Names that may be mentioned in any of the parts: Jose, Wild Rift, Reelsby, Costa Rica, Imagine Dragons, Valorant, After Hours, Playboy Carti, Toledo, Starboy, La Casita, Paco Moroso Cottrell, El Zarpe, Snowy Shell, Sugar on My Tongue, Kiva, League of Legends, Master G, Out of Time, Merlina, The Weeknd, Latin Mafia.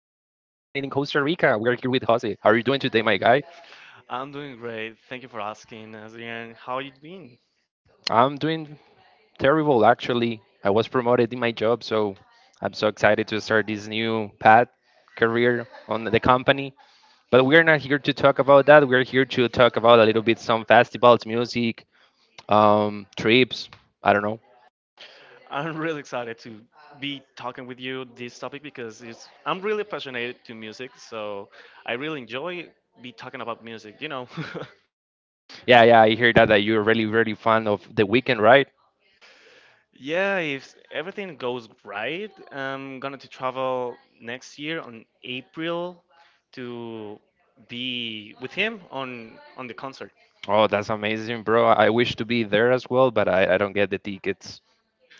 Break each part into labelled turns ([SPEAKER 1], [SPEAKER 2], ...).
[SPEAKER 1] Costa Rica. We are here with Jose. How are you doing today, my guy?
[SPEAKER 2] I'm doing great. Thank you for asking, Adrian. How you been?
[SPEAKER 1] I'm doing terrible, actually. I was promoted in my job, so I'm so excited to start this new path career on the company. But we are not here to talk about that. We're here to talk about a little bit some festivals, music, trips. I don't know.
[SPEAKER 2] I'm really excited to be talking with you this topic because it's I'm really passionate to music, so I really enjoy be talking about music. You know.
[SPEAKER 1] Yeah, yeah, I hear that you're really, really fond of the weekend, right?
[SPEAKER 2] Yeah, if everything goes right, I'm gonna to travel next year on April to be with him on the concert.
[SPEAKER 1] Oh, that's amazing, bro. I wish to be there as well, but I don't get the tickets.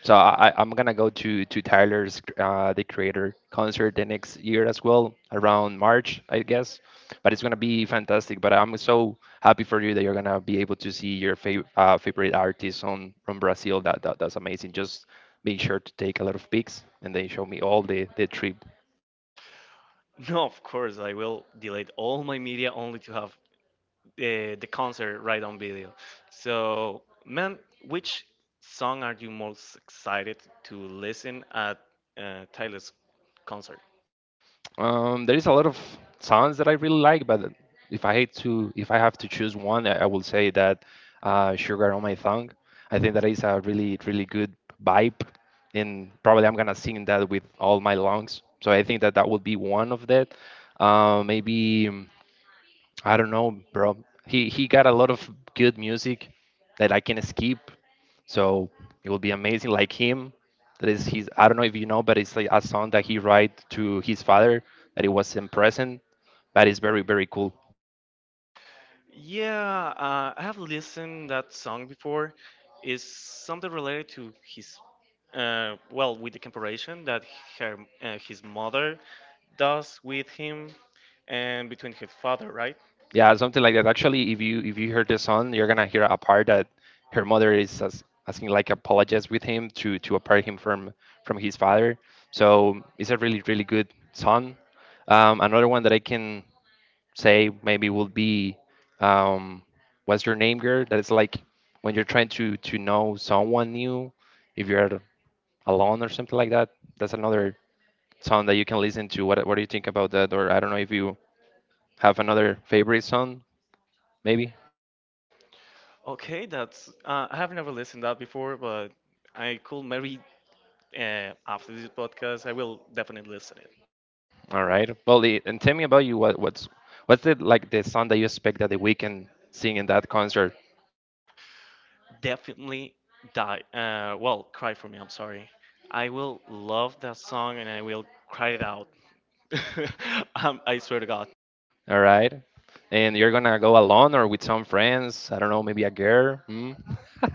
[SPEAKER 1] So I'm gonna go to Tyler's the Creator concert the next year as well, around March, I guess. But it's gonna be fantastic. But I'm so happy for you that you're gonna be able to see your favorite artist on from Brazil. That's amazing. Just make sure to take a lot of pics and then show me all the trip.
[SPEAKER 2] No, of course I will delete all my media only to have the concert right on video. So, man, which song are you most excited to listen at Tyler's concert?
[SPEAKER 1] There is a lot of songs that I really like, but if I have to choose one, I will say that "Sugar on My Tongue." I think that is a really, really good vibe, and probably I'm gonna sing that with all my lungs. So I think that that would be one of that. Maybe. I don't know, bro. He got a lot of good music that I can skip, so it will be amazing. Like him, that is his. I don't know if you know, but it's like a song that he write to his father that it was in present, but it's very very cool.
[SPEAKER 2] Yeah, I have listened that song before. It's something related to his, with the comparison that her, his mother does with him and between his father, right?
[SPEAKER 1] Yeah, something like that. Actually, if you hear the song, you're gonna hear a part that her mother is asking like apologize with him to apart him from his father. So it's a really really good song. Another one that I can say maybe would be um, what's your name girl, that is like when you're trying to know someone new if you're alone or something like that. That's another song that you can listen to. What do you think about that, or I don't know if you have another favorite song maybe.
[SPEAKER 2] Okay, that's I have never listened that before, but I could maybe after this podcast, I will definitely listen it.
[SPEAKER 1] All right, and tell me about you. What's what's the like the song that you expect that the weekend sing in that concert?
[SPEAKER 2] Definitely die. Cry for me. I'm sorry. I will love that song and I will cry it out. I swear to God.
[SPEAKER 1] All right, and you're gonna go alone or with some friends? I don't know, maybe a girl, hmm?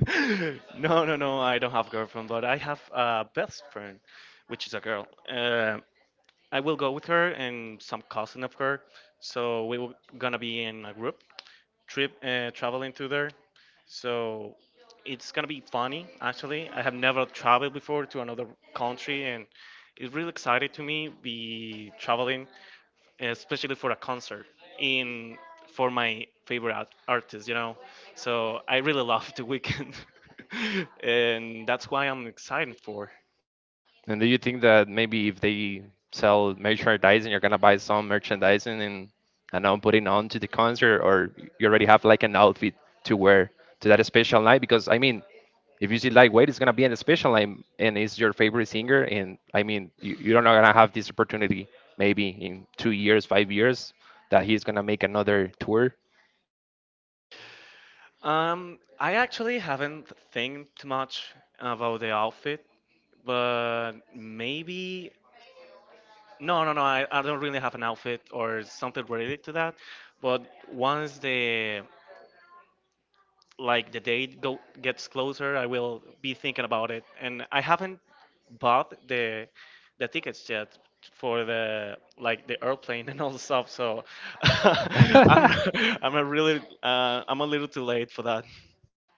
[SPEAKER 2] No, no, no. I, don't have girlfriend, but I have a best friend, which is a girl. I will go with her and some cousin of her. So we were gonna be in a group trip traveling to there. So it's gonna be funny. Actually, I have never traveled before to another country, and it's really excited to me be traveling, especially for a concert in for my favorite artist. You know, so I really love the weekend, and that's why I'm excited for.
[SPEAKER 1] And do you think that maybe if they sell merchandising, you're gonna buy some merchandising and now putting on to the concert, or you already have like an outfit to wear to that special night? Because I mean, if you see lightweight, it's gonna be in a special night, and it's your favorite singer, and I mean, you're not gonna have this opportunity maybe in 2 years, 5 years, that he's gonna make another tour.
[SPEAKER 2] I actually haven't think too much about the outfit, but maybe no, no, no. I don't really have an outfit or something related to that. But once the like the gets closer, I will be thinking about it. And I haven't bought the tickets yet for the like the airplane and all the stuff. So I'm I'm a really I'm a little too late for that.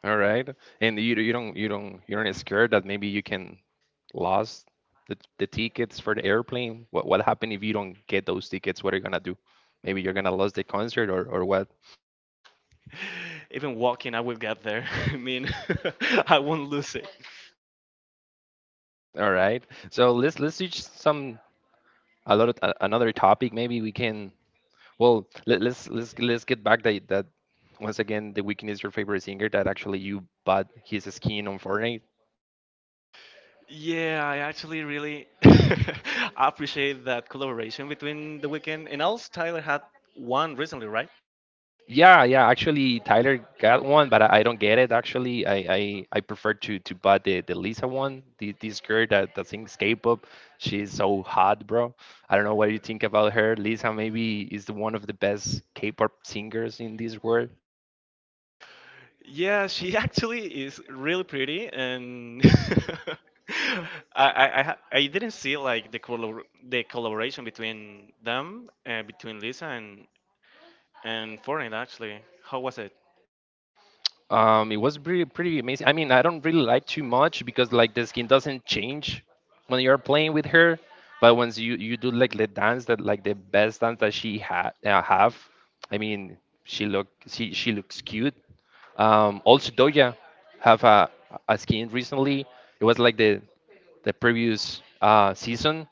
[SPEAKER 1] All right. And you don't you don't you aren't scared that maybe you can lose the tickets for the airplane? What happened if you don't get those tickets? What are you gonna do? Maybe you're gonna lose the concert, or what?
[SPEAKER 2] Even walking, I will get there. I mean, I won't lose it.
[SPEAKER 1] All right. So let's switch some a lot of, another topic. Maybe we can well let's get back that that once again, the weekend is your favorite singer, that actually you bought his skin on Fortnite.
[SPEAKER 2] Yeah, I actually really appreciate that collaboration between The Weeknd, and also Tyler had one recently, right?
[SPEAKER 1] Yeah, yeah. Actually, Tyler got one, but I don't get it. Actually, I prefer to buy the Lisa one. This girl that sings K-pop, she's so hot, bro. I don't know what you think about her. Lisa maybe is the one of the best K-pop singers in this world.
[SPEAKER 2] Yeah, she actually is really pretty, and I didn't see like the the collaboration between them, between Lisa and Fortnite actually. How was it?
[SPEAKER 1] It was pretty pretty amazing. I mean, I don't really like too much because like the skin doesn't change when you're playing with her, but once you do like the dance, that like the best dance that she had have, I mean, she looks cute. Also Doja have a skin recently. It was like the previous season.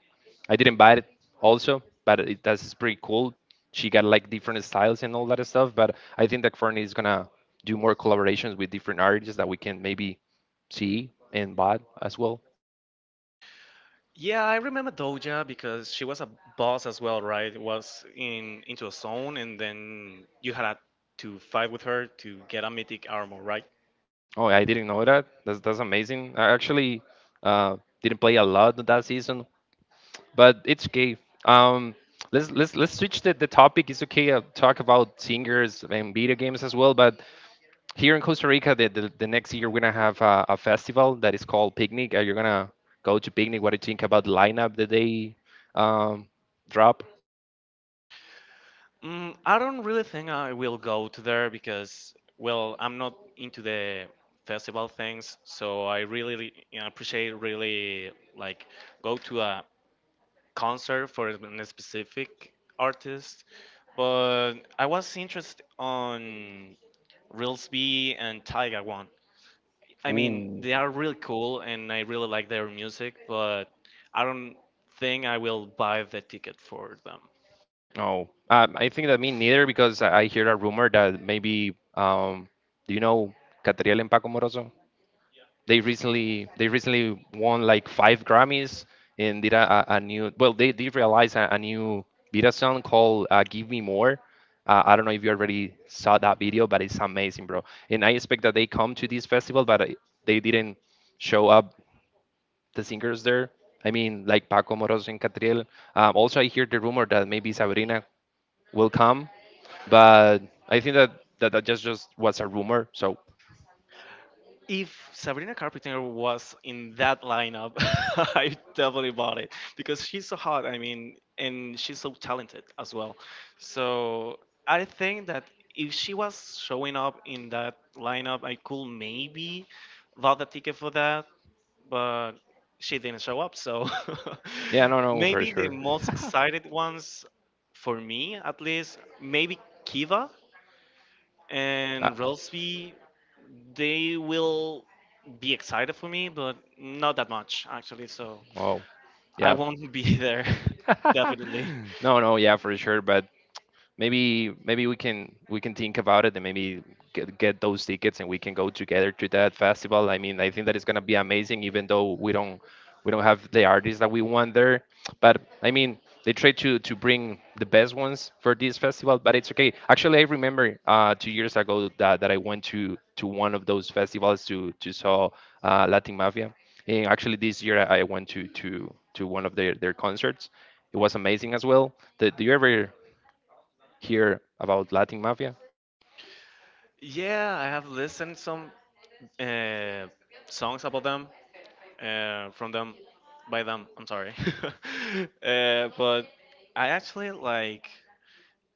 [SPEAKER 1] I didn't buy it also, but that's pretty cool. She got like different styles and all that stuff. But I think that Fernie is gonna do more collaborations with different artists that we can maybe see and buy as well.
[SPEAKER 2] Yeah, I remember Doja because she was a boss as well, right? Was in into a zone, and then you had to fight with her to get a mythic armor, right?
[SPEAKER 1] Oh, I didn't know that. That's amazing. I actually uh, didn't play a lot that season, but it's okay. Um, let's Let's switch the topic. It's okay. I talk about singers and video games as well, but here in Costa Rica, the next year we're gonna have a festival that is called Picnic. Are you gonna go to Picnic? What do you think about the lineup that they um, drop?
[SPEAKER 2] Mm, I don't really think I will go to there because, well, I'm not into the festival things, so I really, you know, appreciate really like go to a concert for a specific artist. But I was interested on Reelsby and Tiger one. I mean,
[SPEAKER 1] Ooh,
[SPEAKER 2] they are really cool and I really like their music, but I don't think I will buy the ticket for them.
[SPEAKER 1] no. I think that me neither because I hear a rumor that maybe do you know Catriel and Paco Moroso? They recently won like five Grammys and did a new, well they realized a new video song called "Give Me More." I don't know if you already saw that video, but it's amazing, bro. And I expect that they come to this festival, but they didn't show up the singers there. I mean, like Paco Moros and Catriel. Also, I hear the rumor that maybe Sabrina will come, but I think that just was a rumor. So
[SPEAKER 2] If Sabrina Carpenter was in that lineup, I definitely bought it because she's so hot. I mean, and she's so talented as well. So I think that if she was showing up in that lineup, I could maybe bought the ticket for that. But she didn't show up. So
[SPEAKER 1] yeah, no, no, for
[SPEAKER 2] maybe the
[SPEAKER 1] sure.
[SPEAKER 2] most excited ones for me, at least, maybe Kiva
[SPEAKER 1] Uh,
[SPEAKER 2] and Rosby. They will be excited for me, but not that much actually. So
[SPEAKER 1] oh,
[SPEAKER 2] I
[SPEAKER 1] yeah.
[SPEAKER 2] won't be there. Definitely.
[SPEAKER 1] No, no, yeah, for sure. But maybe we can think about it, and maybe get those tickets and we can go together to that festival. I mean, I think that it's going to be amazing, even though we don't have the artists that we want there. But I mean, they try to bring the best ones for this festival, but it's okay. Actually, I remember 2 years ago that I went to one of those festivals to saw Latin Mafia, and actually, this year I went to one of their concerts. It was amazing as well. Did Do you ever hear about Latin Mafia?
[SPEAKER 2] Yeah, I have listened some uh, songs about them, from them, by them. I'm sorry, but I actually like.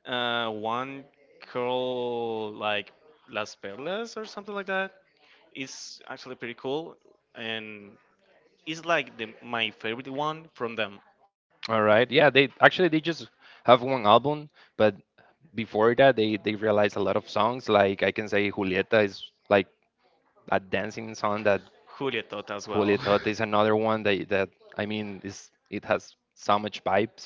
[SPEAKER 2] One called like Las Perlas or something like that. It's actually pretty cool, and it's like the my favorite one from them.
[SPEAKER 1] All right. Yeah, they actually they just have one album, but before that, they realized a lot of songs. Like, I can say Julieta is like a dancing song that...
[SPEAKER 2] Julia Tota as well.
[SPEAKER 1] Julieta is another one that I mean, is it has so much vibes.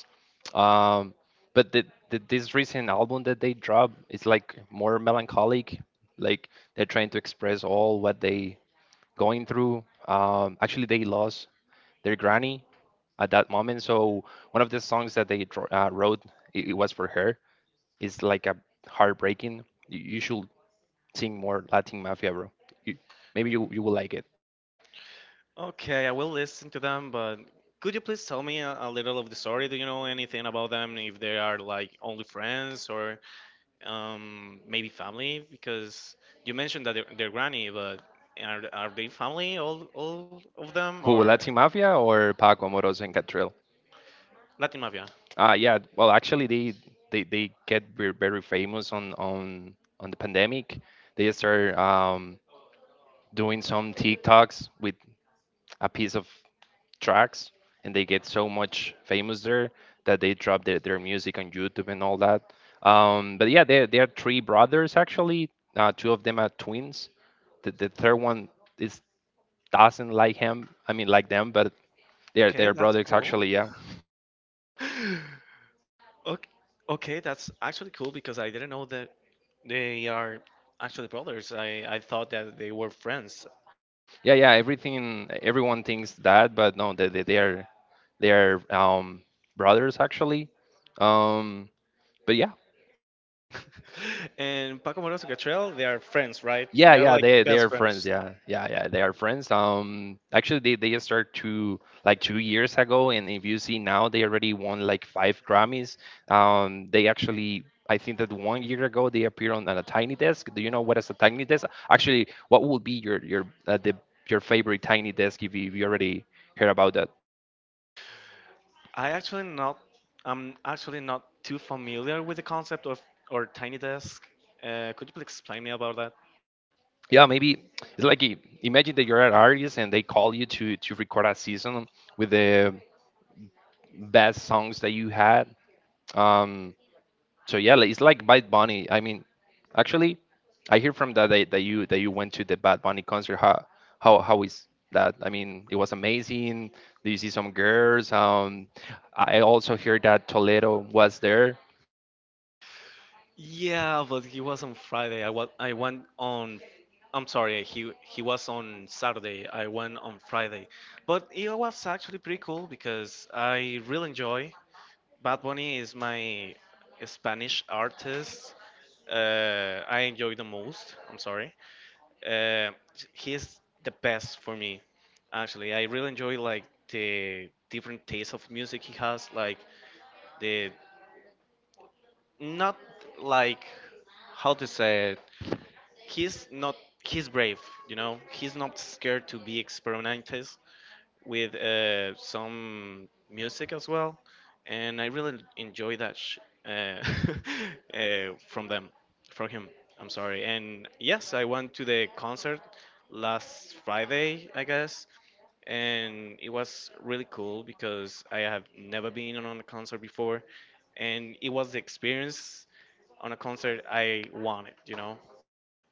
[SPEAKER 1] Um, but the this recent album that they dropped is like more melancholic. Like, they're trying to express all what they going through. Actually, they lost their granny at that moment. So one of the songs that they wrote, it was for her. It's like a heartbreaking. You should sing more Latin Mafia, bro. You, maybe you will like it.
[SPEAKER 2] Okay, I will listen to them, but could you please tell me a little of the story? Do you know anything about them? If they are like only friends or maybe family? Because you mentioned that they're granny, but are they family, all of them,
[SPEAKER 1] Who,
[SPEAKER 2] or
[SPEAKER 1] Latin Mafia, or Paco Amoroso and Catriel?
[SPEAKER 2] Latin Mafia?
[SPEAKER 1] Uh, yeah. Well, actually, they get very, very famous on the pandemic. They start doing some TikToks with a piece of tracks, and they get so much famous there that they drop their music on YouTube and all that. But yeah, they are three brothers actually. Two of them are twins. The third one is doesn't like him. I mean like them, but
[SPEAKER 2] Okay,
[SPEAKER 1] they're
[SPEAKER 2] that's
[SPEAKER 1] brothers
[SPEAKER 2] cool.
[SPEAKER 1] actually. Yeah,
[SPEAKER 2] Okay, okay, that's actually cool because I didn't know that they are actually brothers. I thought that they were friends.
[SPEAKER 1] yeah, yeah. Everything Everyone thinks that, but no, they are brothers actually. Um, but yeah.
[SPEAKER 2] And Paco Moroso Cottrell, they are friends, right?
[SPEAKER 1] Yeah,
[SPEAKER 2] They're
[SPEAKER 1] yeah,
[SPEAKER 2] like
[SPEAKER 1] they
[SPEAKER 2] best
[SPEAKER 1] are friends.
[SPEAKER 2] friends.
[SPEAKER 1] Yeah, yeah, yeah, they are friends. Actually, they just started 2 years ago, and if you see now, they already won like five Grammys. They actually, I think that 1 year ago they appeared on a Tiny Desk. Do you know what is a Tiny Desk? Actually, what would be your the your favorite Tiny Desk, if you already heard about that?
[SPEAKER 2] I actually not I'm actually not too familiar with the concept of or tiny desk. Could you please explain me about that?
[SPEAKER 1] Yeah, maybe it's like imagine that you're an artist and they call you to record a season with the best songs that you had. Um, so yeah, like, it's like Bad Bunny. I mean, actually, I hear from that you went to the Bad Bunny concert. How is that? I mean, it was amazing. Do you see some girls? I also hear that Toledo was there.
[SPEAKER 2] Yeah, but he was on Friday. I was I went on. I'm sorry. He was on Saturday. I went on Friday, but it was actually pretty cool because I really enjoy. Bad Bunny is my Spanish artist. I enjoy the most. I'm sorry. Uh, he is the best for me. Actually, I really enjoy like the different taste of music he has. Like the not like how to say it, he's not, he's brave, you know, he's not scared to be experimental with some music as well, and I really enjoy that uh, from them from him. I'm sorry. And yes, I went to the concert last Friday, I guess, and it was really cool because I have never been on a concert before, and it was the experience on a concert I wanted, you know.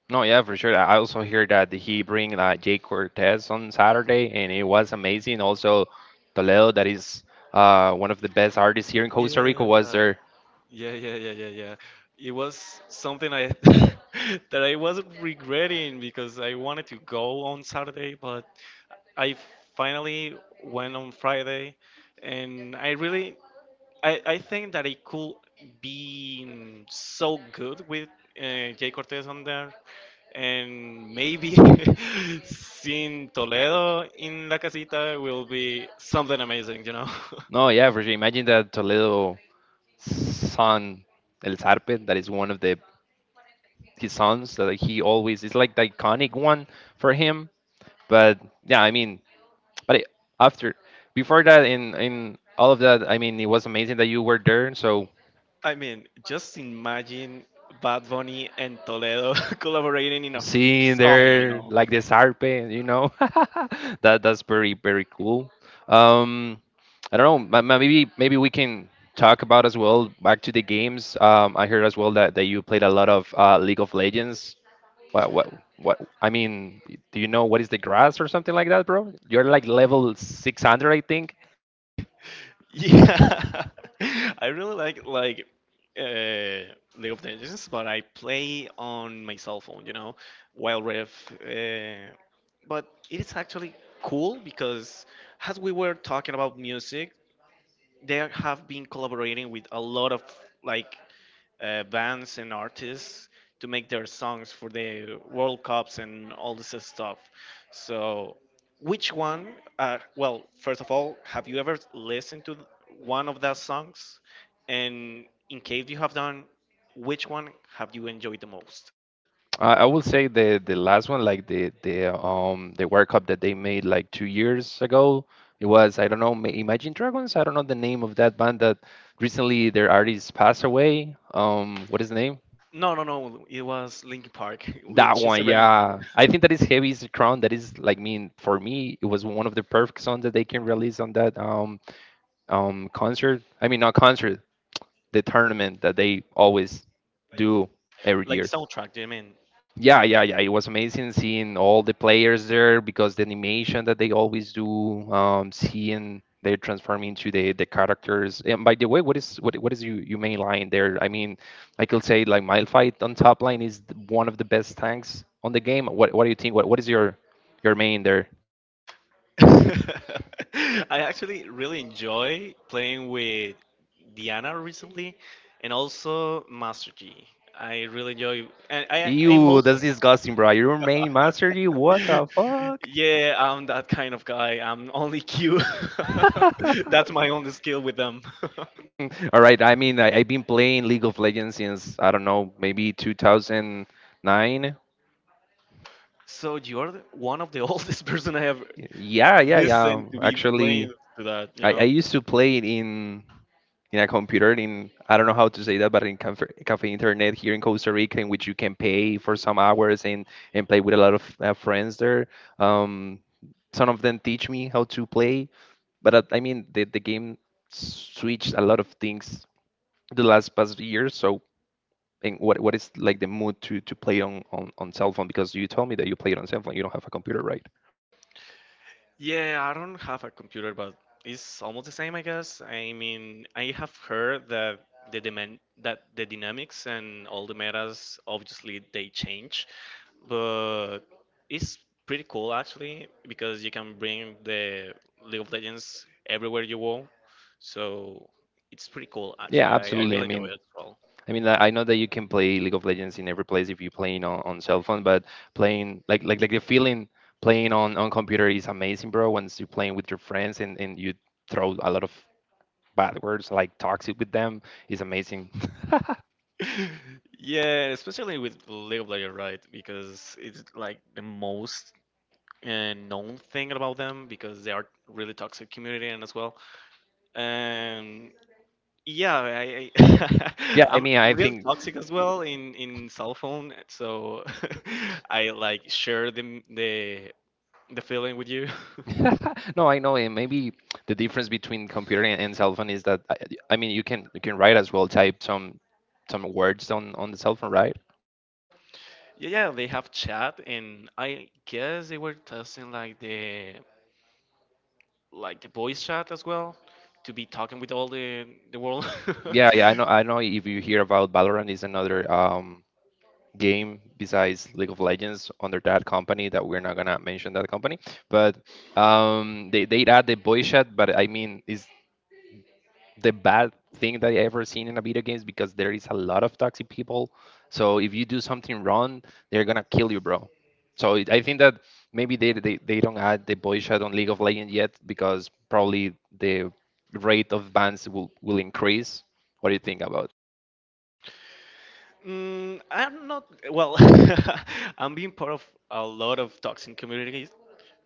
[SPEAKER 1] No, yeah, for sure. I also hear that he bring Jay Cortez on Saturday, and it was amazing. Also, Toledo, that is one of the best artists here in Costa Rica,
[SPEAKER 2] Yeah,
[SPEAKER 1] was there.
[SPEAKER 2] yeah, yeah, yeah, yeah, yeah. It was something I that I was regretting because I wanted to go on Saturday, but I finally went on Friday, and I really I think that it could be so good with Jay Cortez on there, and maybe seeing Toledo in La Casita will be something amazing, you know.
[SPEAKER 1] No, yeah, for sure. Imagine that Toledo son El Zarpe, that is one of the his sons that like, he always is like the iconic one for him. But yeah, I mean, but it, after before that in all of that, I mean, it was amazing that you were there. So
[SPEAKER 2] I mean, just imagine Bad Bunny and Toledo collaborating in a
[SPEAKER 1] seeing
[SPEAKER 2] song, you
[SPEAKER 1] there
[SPEAKER 2] know?
[SPEAKER 1] like this harpe, you know, that's very very cool. Um, I don't know. Maybe we can talk about as well back to the games. I heard as well that you played a lot of League of Legends. What? I mean, do you know what is the grass or something like that, bro? You're like level 600, I think.
[SPEAKER 2] Yeah, I really like uh, League of Legends, but I play on my cell phone, you know, Wild Rift. But it is actually cool because, as we were talking about music, they have been collaborating with a lot of like bands and artists to make their songs for the World Cups and all this stuff. So, which one? First of all, have you ever listened to one of those songs? And in case you have done, which one have you enjoyed the most?
[SPEAKER 1] I will say the last one, like the World Cup that they made like 2 years ago. It was I don't know Imagine Dragons. I don't know the name of that band that recently their artist passed away. What is the name?
[SPEAKER 2] No, no, no. It was Linkin Park with
[SPEAKER 1] That
[SPEAKER 2] Chester
[SPEAKER 1] one,
[SPEAKER 2] Bennington,
[SPEAKER 1] yeah. I think that is Heavy is the Crown. That is like mean for me, it was one of the perfect songs that they can release on that concert. I mean not concert, the tournament that they always do every year.
[SPEAKER 2] like the soundtrack. Do you mean?
[SPEAKER 1] Yeah, yeah, yeah. It was amazing seeing all the players there because the animation that they always do, seeing they're transforming into the characters. And by the way, what is your main line there? I mean, I could say like my fight on top line is one of the best tanks on the game. What do you think? What is your main there?
[SPEAKER 2] I actually really enjoy playing with Diana recently, and also Master G. I really enjoy, and I
[SPEAKER 1] Ew, that's
[SPEAKER 2] mostly,
[SPEAKER 1] disgusting, bro. Your main mastery? What the fuck?
[SPEAKER 2] yeah, I'm that kind of guy. I'm only Q. That's my only skill with them.
[SPEAKER 1] All right. I mean, I've been playing League of Legends since, I don't know, maybe 2009.
[SPEAKER 2] So you're the one of the oldest person I have
[SPEAKER 1] Yeah, yeah, yeah.
[SPEAKER 2] listened to be
[SPEAKER 1] Actually,
[SPEAKER 2] playing to that, you
[SPEAKER 1] I
[SPEAKER 2] know?
[SPEAKER 1] used to play it in a computer in I don't know how to say that, but in cafe internet here in Costa Rica, in which you can pay for some hours and play with a lot of friends there. Um, some of them teach me how to play, but I mean the game switched a lot of things the last past year, so and what is like the mood to play on cell phone? Because you told me that you play it on cell phone. You don't have a computer, right?
[SPEAKER 2] Yeah, I don't have a computer, but it's almost the same, I guess. I mean, I have heard that the demand that the dynamics and all the metas obviously they change, but it's pretty cool actually because you can bring the League of Legends everywhere you go. So it's pretty cool
[SPEAKER 1] Yeah,
[SPEAKER 2] actually. I
[SPEAKER 1] absolutely. I
[SPEAKER 2] really enjoy it
[SPEAKER 1] mean,
[SPEAKER 2] as well.
[SPEAKER 1] I mean, I know that you can play League of Legends in every place if you're playing on cell phone, but playing like the feeling playing on computer is amazing, bro. Once you're playing with your friends and you throw a lot of bad words like toxic with them is amazing.
[SPEAKER 2] Yeah, especially with League of Legends, right? Because it's like the most known thing about them because they are really toxic community and as well. Um, yeah, I
[SPEAKER 1] Yeah, I
[SPEAKER 2] I'm
[SPEAKER 1] mean, I
[SPEAKER 2] real
[SPEAKER 1] think
[SPEAKER 2] toxic as well in cell phone, so I like share the the feeling with you.
[SPEAKER 1] no, I know, and maybe the difference between computer and cell phone is that I mean you can write as well, type some words on the cell phone, right?
[SPEAKER 2] Yeah, yeah, they have chat, and I guess they were testing like the voice chat as well to be talking with all the world.
[SPEAKER 1] Yeah, yeah, I know, I know. If you hear about Valorant, is another game besides League of Legends under that company that we're not gonna mention that company, but they add the voice chat, but I mean is the bad thing that I ever seen in a video games because there is a lot of toxic people. So if you do something wrong, they're gonna kill you, bro. So it, I think that maybe they don't add the boy shot on League of Legends yet because probably the rate of bans will increase. What do you think about?
[SPEAKER 2] Mm, I'm not well. I'm being part of a lot of toxic communities,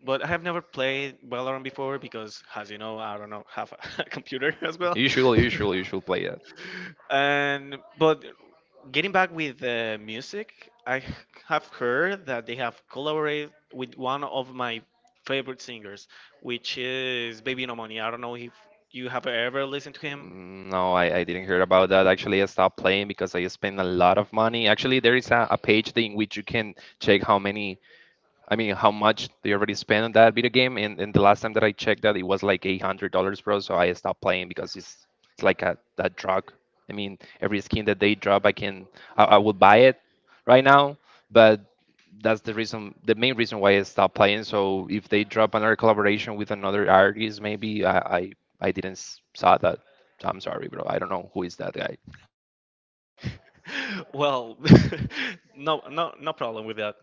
[SPEAKER 2] but I have never played Valorant before because, as you know, I don't know have a computer as well.
[SPEAKER 1] You should play that.
[SPEAKER 2] And but getting back with music, I have heard that they have collaborated with one of my favorite singers, which is Baby No Money. I don't know if you have ever listened to him.
[SPEAKER 1] No, I didn't hear about that. Actually, I stopped playing because I spent a lot of money. Actually, there is a page thing which you can check how many I mean, how much they already spent on that video game? And the last time that I checked that, it was like $800, bro. So I stopped playing because it's like a that drug. I mean, every skin that they drop, I can I would buy it right now, but that's the reason, the main reason why I stopped playing. So if they drop another collaboration with another artist, maybe I didn't saw that. So I'm sorry, bro. I don't know who is that guy.
[SPEAKER 2] Well, no, no, no problem with that,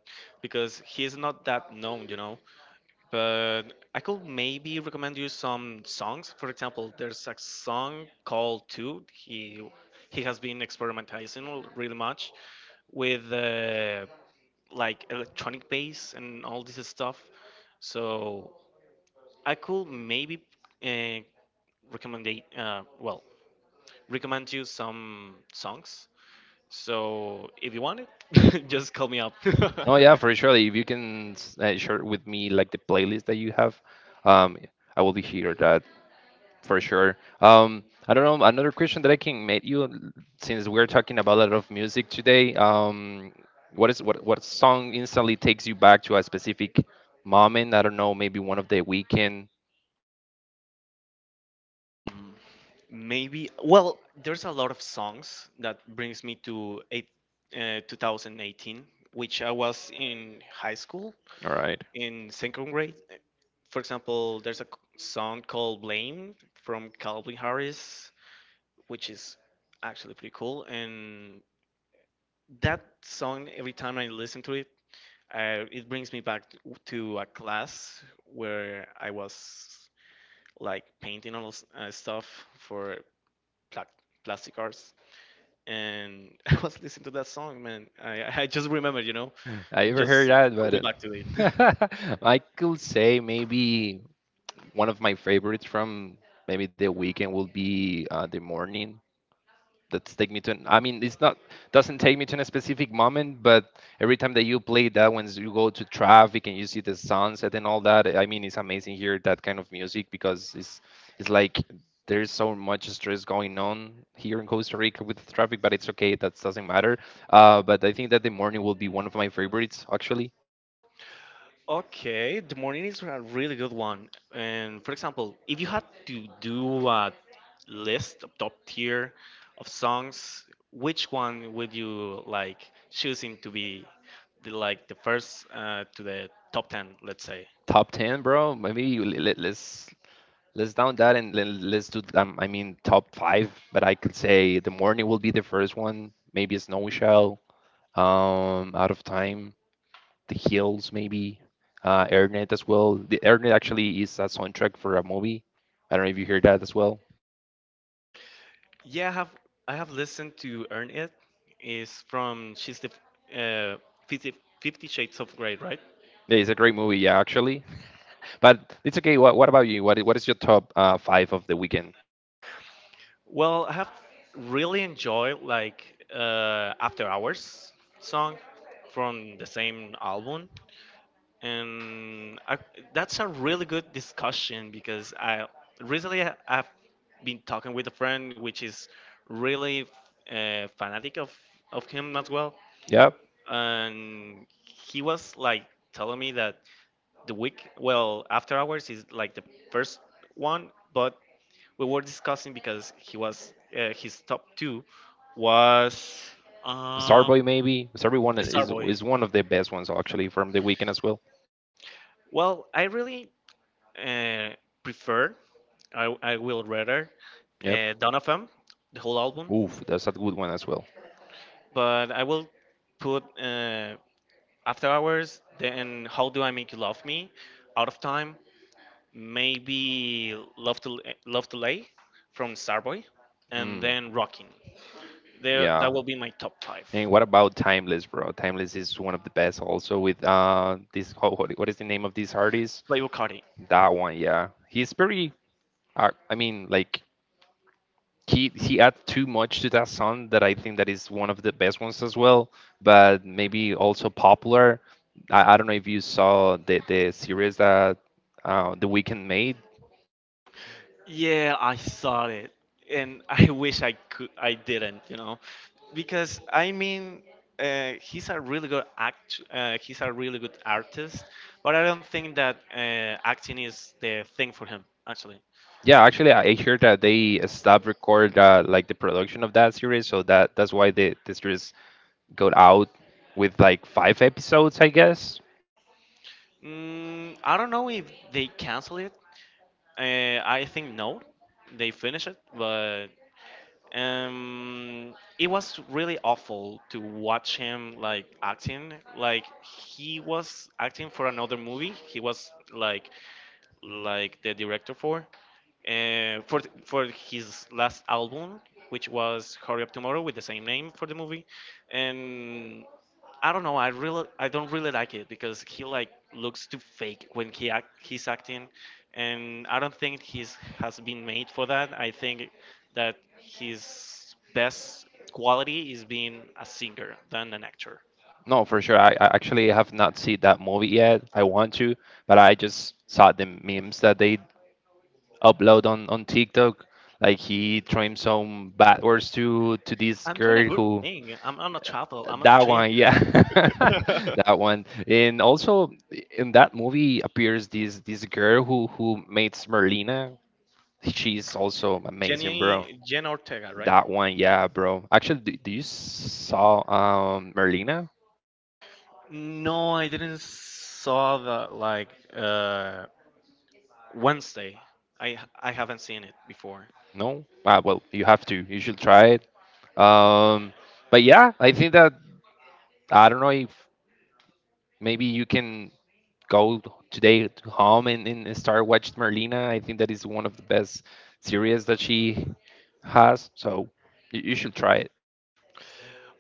[SPEAKER 2] because he's not that known, you know. But I could maybe recommend you some songs. For example, there's a song called Two. He has been experimenting really much with like electronic bass and all this stuff. So I could maybe uh, recommend well recommend you some songs, so if you want it, just call me up.
[SPEAKER 1] Oh yeah, for sure. If you can share with me like the playlist that you have, um, I will be here. That for sure. I don't know. Another question that I can make you, since we're talking about a lot of music today, what is what song instantly takes you back to a specific moment? I don't know, maybe one of the weekend.
[SPEAKER 2] Maybe. Well, there's a lot of songs that brings me to 2018, which I was in high school
[SPEAKER 1] All right.
[SPEAKER 2] in second grade. For example, there's a song called "Blame" from Calvin Harris, which is actually pretty cool. And that song, every time I listen to it, it brings me back to a class where I was like painting stuff for pla- plastic arts. And I was listening to that song, man. I just remembered, you know,
[SPEAKER 1] I
[SPEAKER 2] it
[SPEAKER 1] ever
[SPEAKER 2] just
[SPEAKER 1] heard that,
[SPEAKER 2] took me back to it.
[SPEAKER 1] but uh, I could say maybe one of my favorites from maybe the weekend will be the morning. That's take me to an, I mean it's not doesn't take me to a specific moment, but every time that you play that when you go to traffic and you see the sunset and all that, I mean it's amazing here that kind of music because it's like there's so much stress going on here in Costa Rica with the traffic, but it's okay that doesn't matter. But I think that the morning will be one of my favorites actually.
[SPEAKER 2] Okay, the morning is a really good one. And for example, if you had to do a list of top tier of songs, which one would you like choosing to be like the first to the top ten, let's say?
[SPEAKER 1] Top 10 bro maybe let's down that and then let's do. I mean, top five, but I could say the morning will be the first one. Maybe Snowy Shell, Out of Time, The Hills, maybe Airnet as well. The Airnet actually is a soundtrack for a movie. I don't know if you hear that as well.
[SPEAKER 2] Yeah, I have listened to Earn It. Is from she's the uh, 50, fifty Shades of Grey, right?
[SPEAKER 1] Yeah, it's a great movie, yeah, actually. But it's okay. What about you? What what is your top five of the weekend?
[SPEAKER 2] Well, I have really enjoyed like After Hours song from the same album, and that's a really good discussion because I recently I- I've been talking with a friend which is really fanatic of him as well,
[SPEAKER 1] Yep,
[SPEAKER 2] and he was like telling me that the week well after hours is like the first one, but we were discussing because he was his top two was um
[SPEAKER 1] Starboy maybe. Starboy one
[SPEAKER 2] starboy.
[SPEAKER 1] is one of the best ones actually from the weekend as well.
[SPEAKER 2] Well, I really uh, prefer I will rather
[SPEAKER 1] Yep.
[SPEAKER 2] donovan, the whole album,
[SPEAKER 1] Oof, that's a good one as well.
[SPEAKER 2] but I will put after hours, then how do I make you love me, out of time, maybe Love to Lay from Starboy, and
[SPEAKER 1] Mm,
[SPEAKER 2] then Rockin'. There,
[SPEAKER 1] yeah.
[SPEAKER 2] that will be my top five.
[SPEAKER 1] And what about Timeless, bro? Timeless is one of the best also with this oh, what is the name of this artist?
[SPEAKER 2] Playboy Carti.
[SPEAKER 1] That one, yeah. He's pretty. I mean like he adds too much to that song that I think that is one of the best ones as well, but maybe also popular. I don't know if you saw the series that The Weeknd made.
[SPEAKER 2] Yeah, I saw it, and I wish I could. I didn't, you know, because I mean, he's a really good act. He's a really good artist, but I don't think that acting is the thing for him. Actually,
[SPEAKER 1] Yeah, actually I heard that they stopped record like the production of that series, so that that's why the series got out with like 5 episodes, I guess.
[SPEAKER 2] mm, I don't know if they cancel it. I think no, they finish it, but um it was really awful to watch him like acting like he was acting for another movie. He was like the director for for his last album, which was Hurry Up Tomorrow, with the same name for the movie, and I don't know. I don't really like it because he like looks too fake when he's acting, and I don't think he's has been made for that. I think that his best quality is being a singer than an actor.
[SPEAKER 1] No, for sure. I actually have not seen that movie yet. I want to, but I just saw the memes that they upload on TikTok. Like he throwing some bad words to this
[SPEAKER 2] I'm doing a
[SPEAKER 1] girl
[SPEAKER 2] good
[SPEAKER 1] who
[SPEAKER 2] thing. I'm on a travel. I'm on a
[SPEAKER 1] that
[SPEAKER 2] trip.
[SPEAKER 1] one, yeah, that one. And also in that movie appears this this girl who makes Merlina. She's also amazing, bro.
[SPEAKER 2] Jenny Jen Ortega, right?
[SPEAKER 1] That one, yeah, bro. Actually, do you saw Merlina?
[SPEAKER 2] No, I didn't saw that like Wednesday. I haven't seen it before.
[SPEAKER 1] No? Ah, well, you have to. You should try it. Um, but yeah, I think that I don't know if maybe you can go today to home and start watching Merlina. I think that is one of the best series that she has. So you should try it.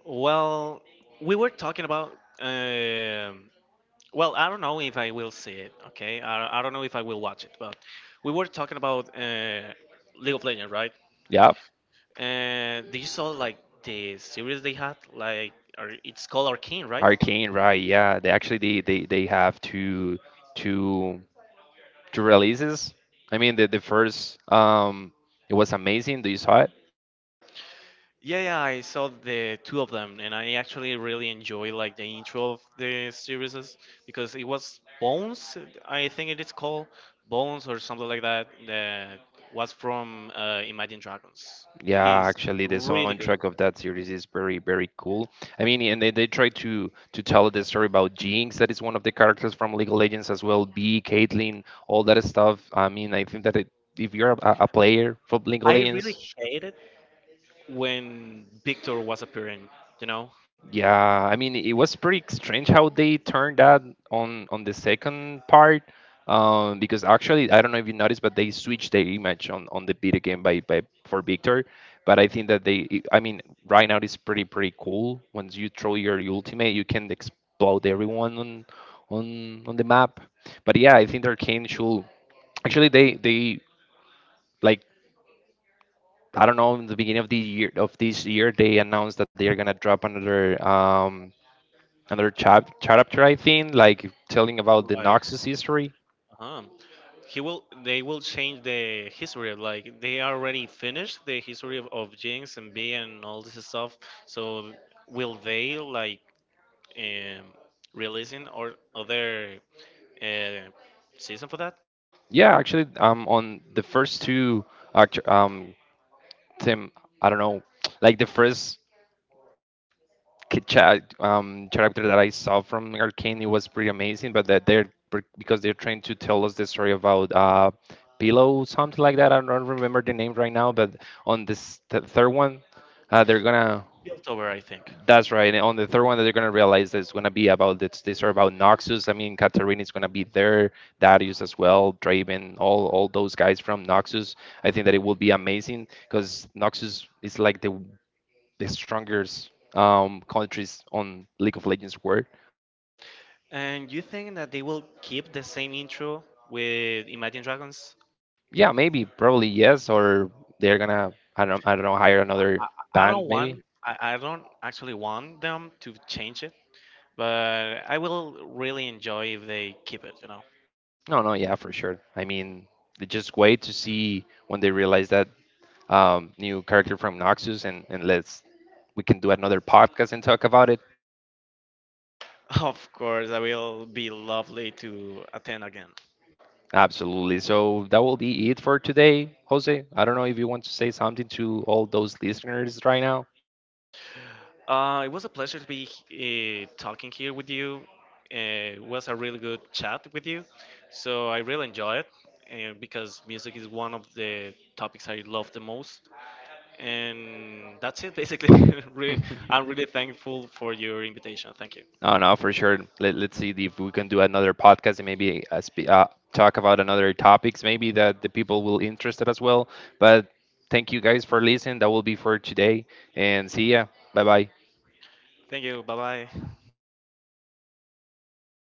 [SPEAKER 2] Well, we were talking about. Um, well, I don't know if I will see it. Okay, I don't know if I will watch it, but we were talking about League of Legends, right?
[SPEAKER 1] Yep.
[SPEAKER 2] And did you saw like the series they had? Like, or it's called Arcane, right?
[SPEAKER 1] Arcane, right? Yeah. They actually they have two two two releases. I mean, the first it was amazing. Do you saw it?
[SPEAKER 2] Yeah, yeah, I saw the two of them, and I actually really enjoy like the intro of the series because it was Bones, I think it is called Bones or something like that. That was from Imagine Dragons.
[SPEAKER 1] Yeah,
[SPEAKER 2] It's
[SPEAKER 1] actually, the
[SPEAKER 2] really
[SPEAKER 1] soundtrack
[SPEAKER 2] good.
[SPEAKER 1] of that series is very very cool. I mean, and they try to tell the story about Jinx, that is one of the characters from League of Legends as well. B, Caitlyn, all that stuff. I mean, I think that it, if you're a player for League of
[SPEAKER 2] I really
[SPEAKER 1] Legends,
[SPEAKER 2] hated when Victor was appearing. You know,
[SPEAKER 1] yeah, I mean it was pretty strange how they turned that on the second part, because actually I don't know if you noticed, but they switched the image on the beat again by for Victor. But I think that they, I mean, right now it's pretty pretty cool. Once you throw your ultimate, you can explode everyone on on the map. But yeah, I think their cane should actually they like I don't know in the beginning of the year of this year they announced that they are gonna drop another another chapter, I think, like telling about the
[SPEAKER 2] like
[SPEAKER 1] Noxus history.
[SPEAKER 2] uh-huh. he will They will change the history, like they already finished the history of, Jinx and B and all this stuff, so will they like um, releasing or other uh, season for that?
[SPEAKER 1] Yeah, actually, on the first two, act- um, Tim, I don't know, like the first chapter that I saw from Arcane, it was pretty amazing. But that they're because they're trying to tell us the story about Pillow, something like that. I don't remember the name right now. But on this third one, they're gonna
[SPEAKER 2] October, I think.
[SPEAKER 1] that's right. And on the third one that they're gonna realize is gonna be about this. These are about Noxus. I mean, Katarina is gonna be there, Darius as well, Draven, all those guys from Noxus. I think that it will be amazing because Noxus is like the strongest countries on League of Legends world.
[SPEAKER 2] And you think that they will keep the same intro with Imagine Dragons?
[SPEAKER 1] Yeah, maybe, probably yes, or they're gonna I don't know hire another
[SPEAKER 2] I
[SPEAKER 1] band
[SPEAKER 2] don't
[SPEAKER 1] maybe.
[SPEAKER 2] want I don't actually want them to change it, but I will really enjoy if they keep it, you know.
[SPEAKER 1] No, no, yeah, for sure. I mean, they just wait to see when they realize that new character from Noxus, and let's we can do another podcast and talk about it.
[SPEAKER 2] Of course, I will be lovely to attend again.
[SPEAKER 1] Absolutely. So that will be it for today, Jose. I don't know if you want to say something to all those listeners right now.
[SPEAKER 2] It was a pleasure to be talking here with you. It was a really good chat with you. So I really enjoy it because music is one of the topics I love the most. And that's it, basically. Re- I'm really thankful for your invitation. Thank you.
[SPEAKER 1] No, no, for sure. Let, let's see if we can do another podcast and maybe talk about another topics, maybe that the people will interested as well. But thank you guys for listening. That will be for today, and see ya. Bye bye.
[SPEAKER 2] Thank you. Bye bye.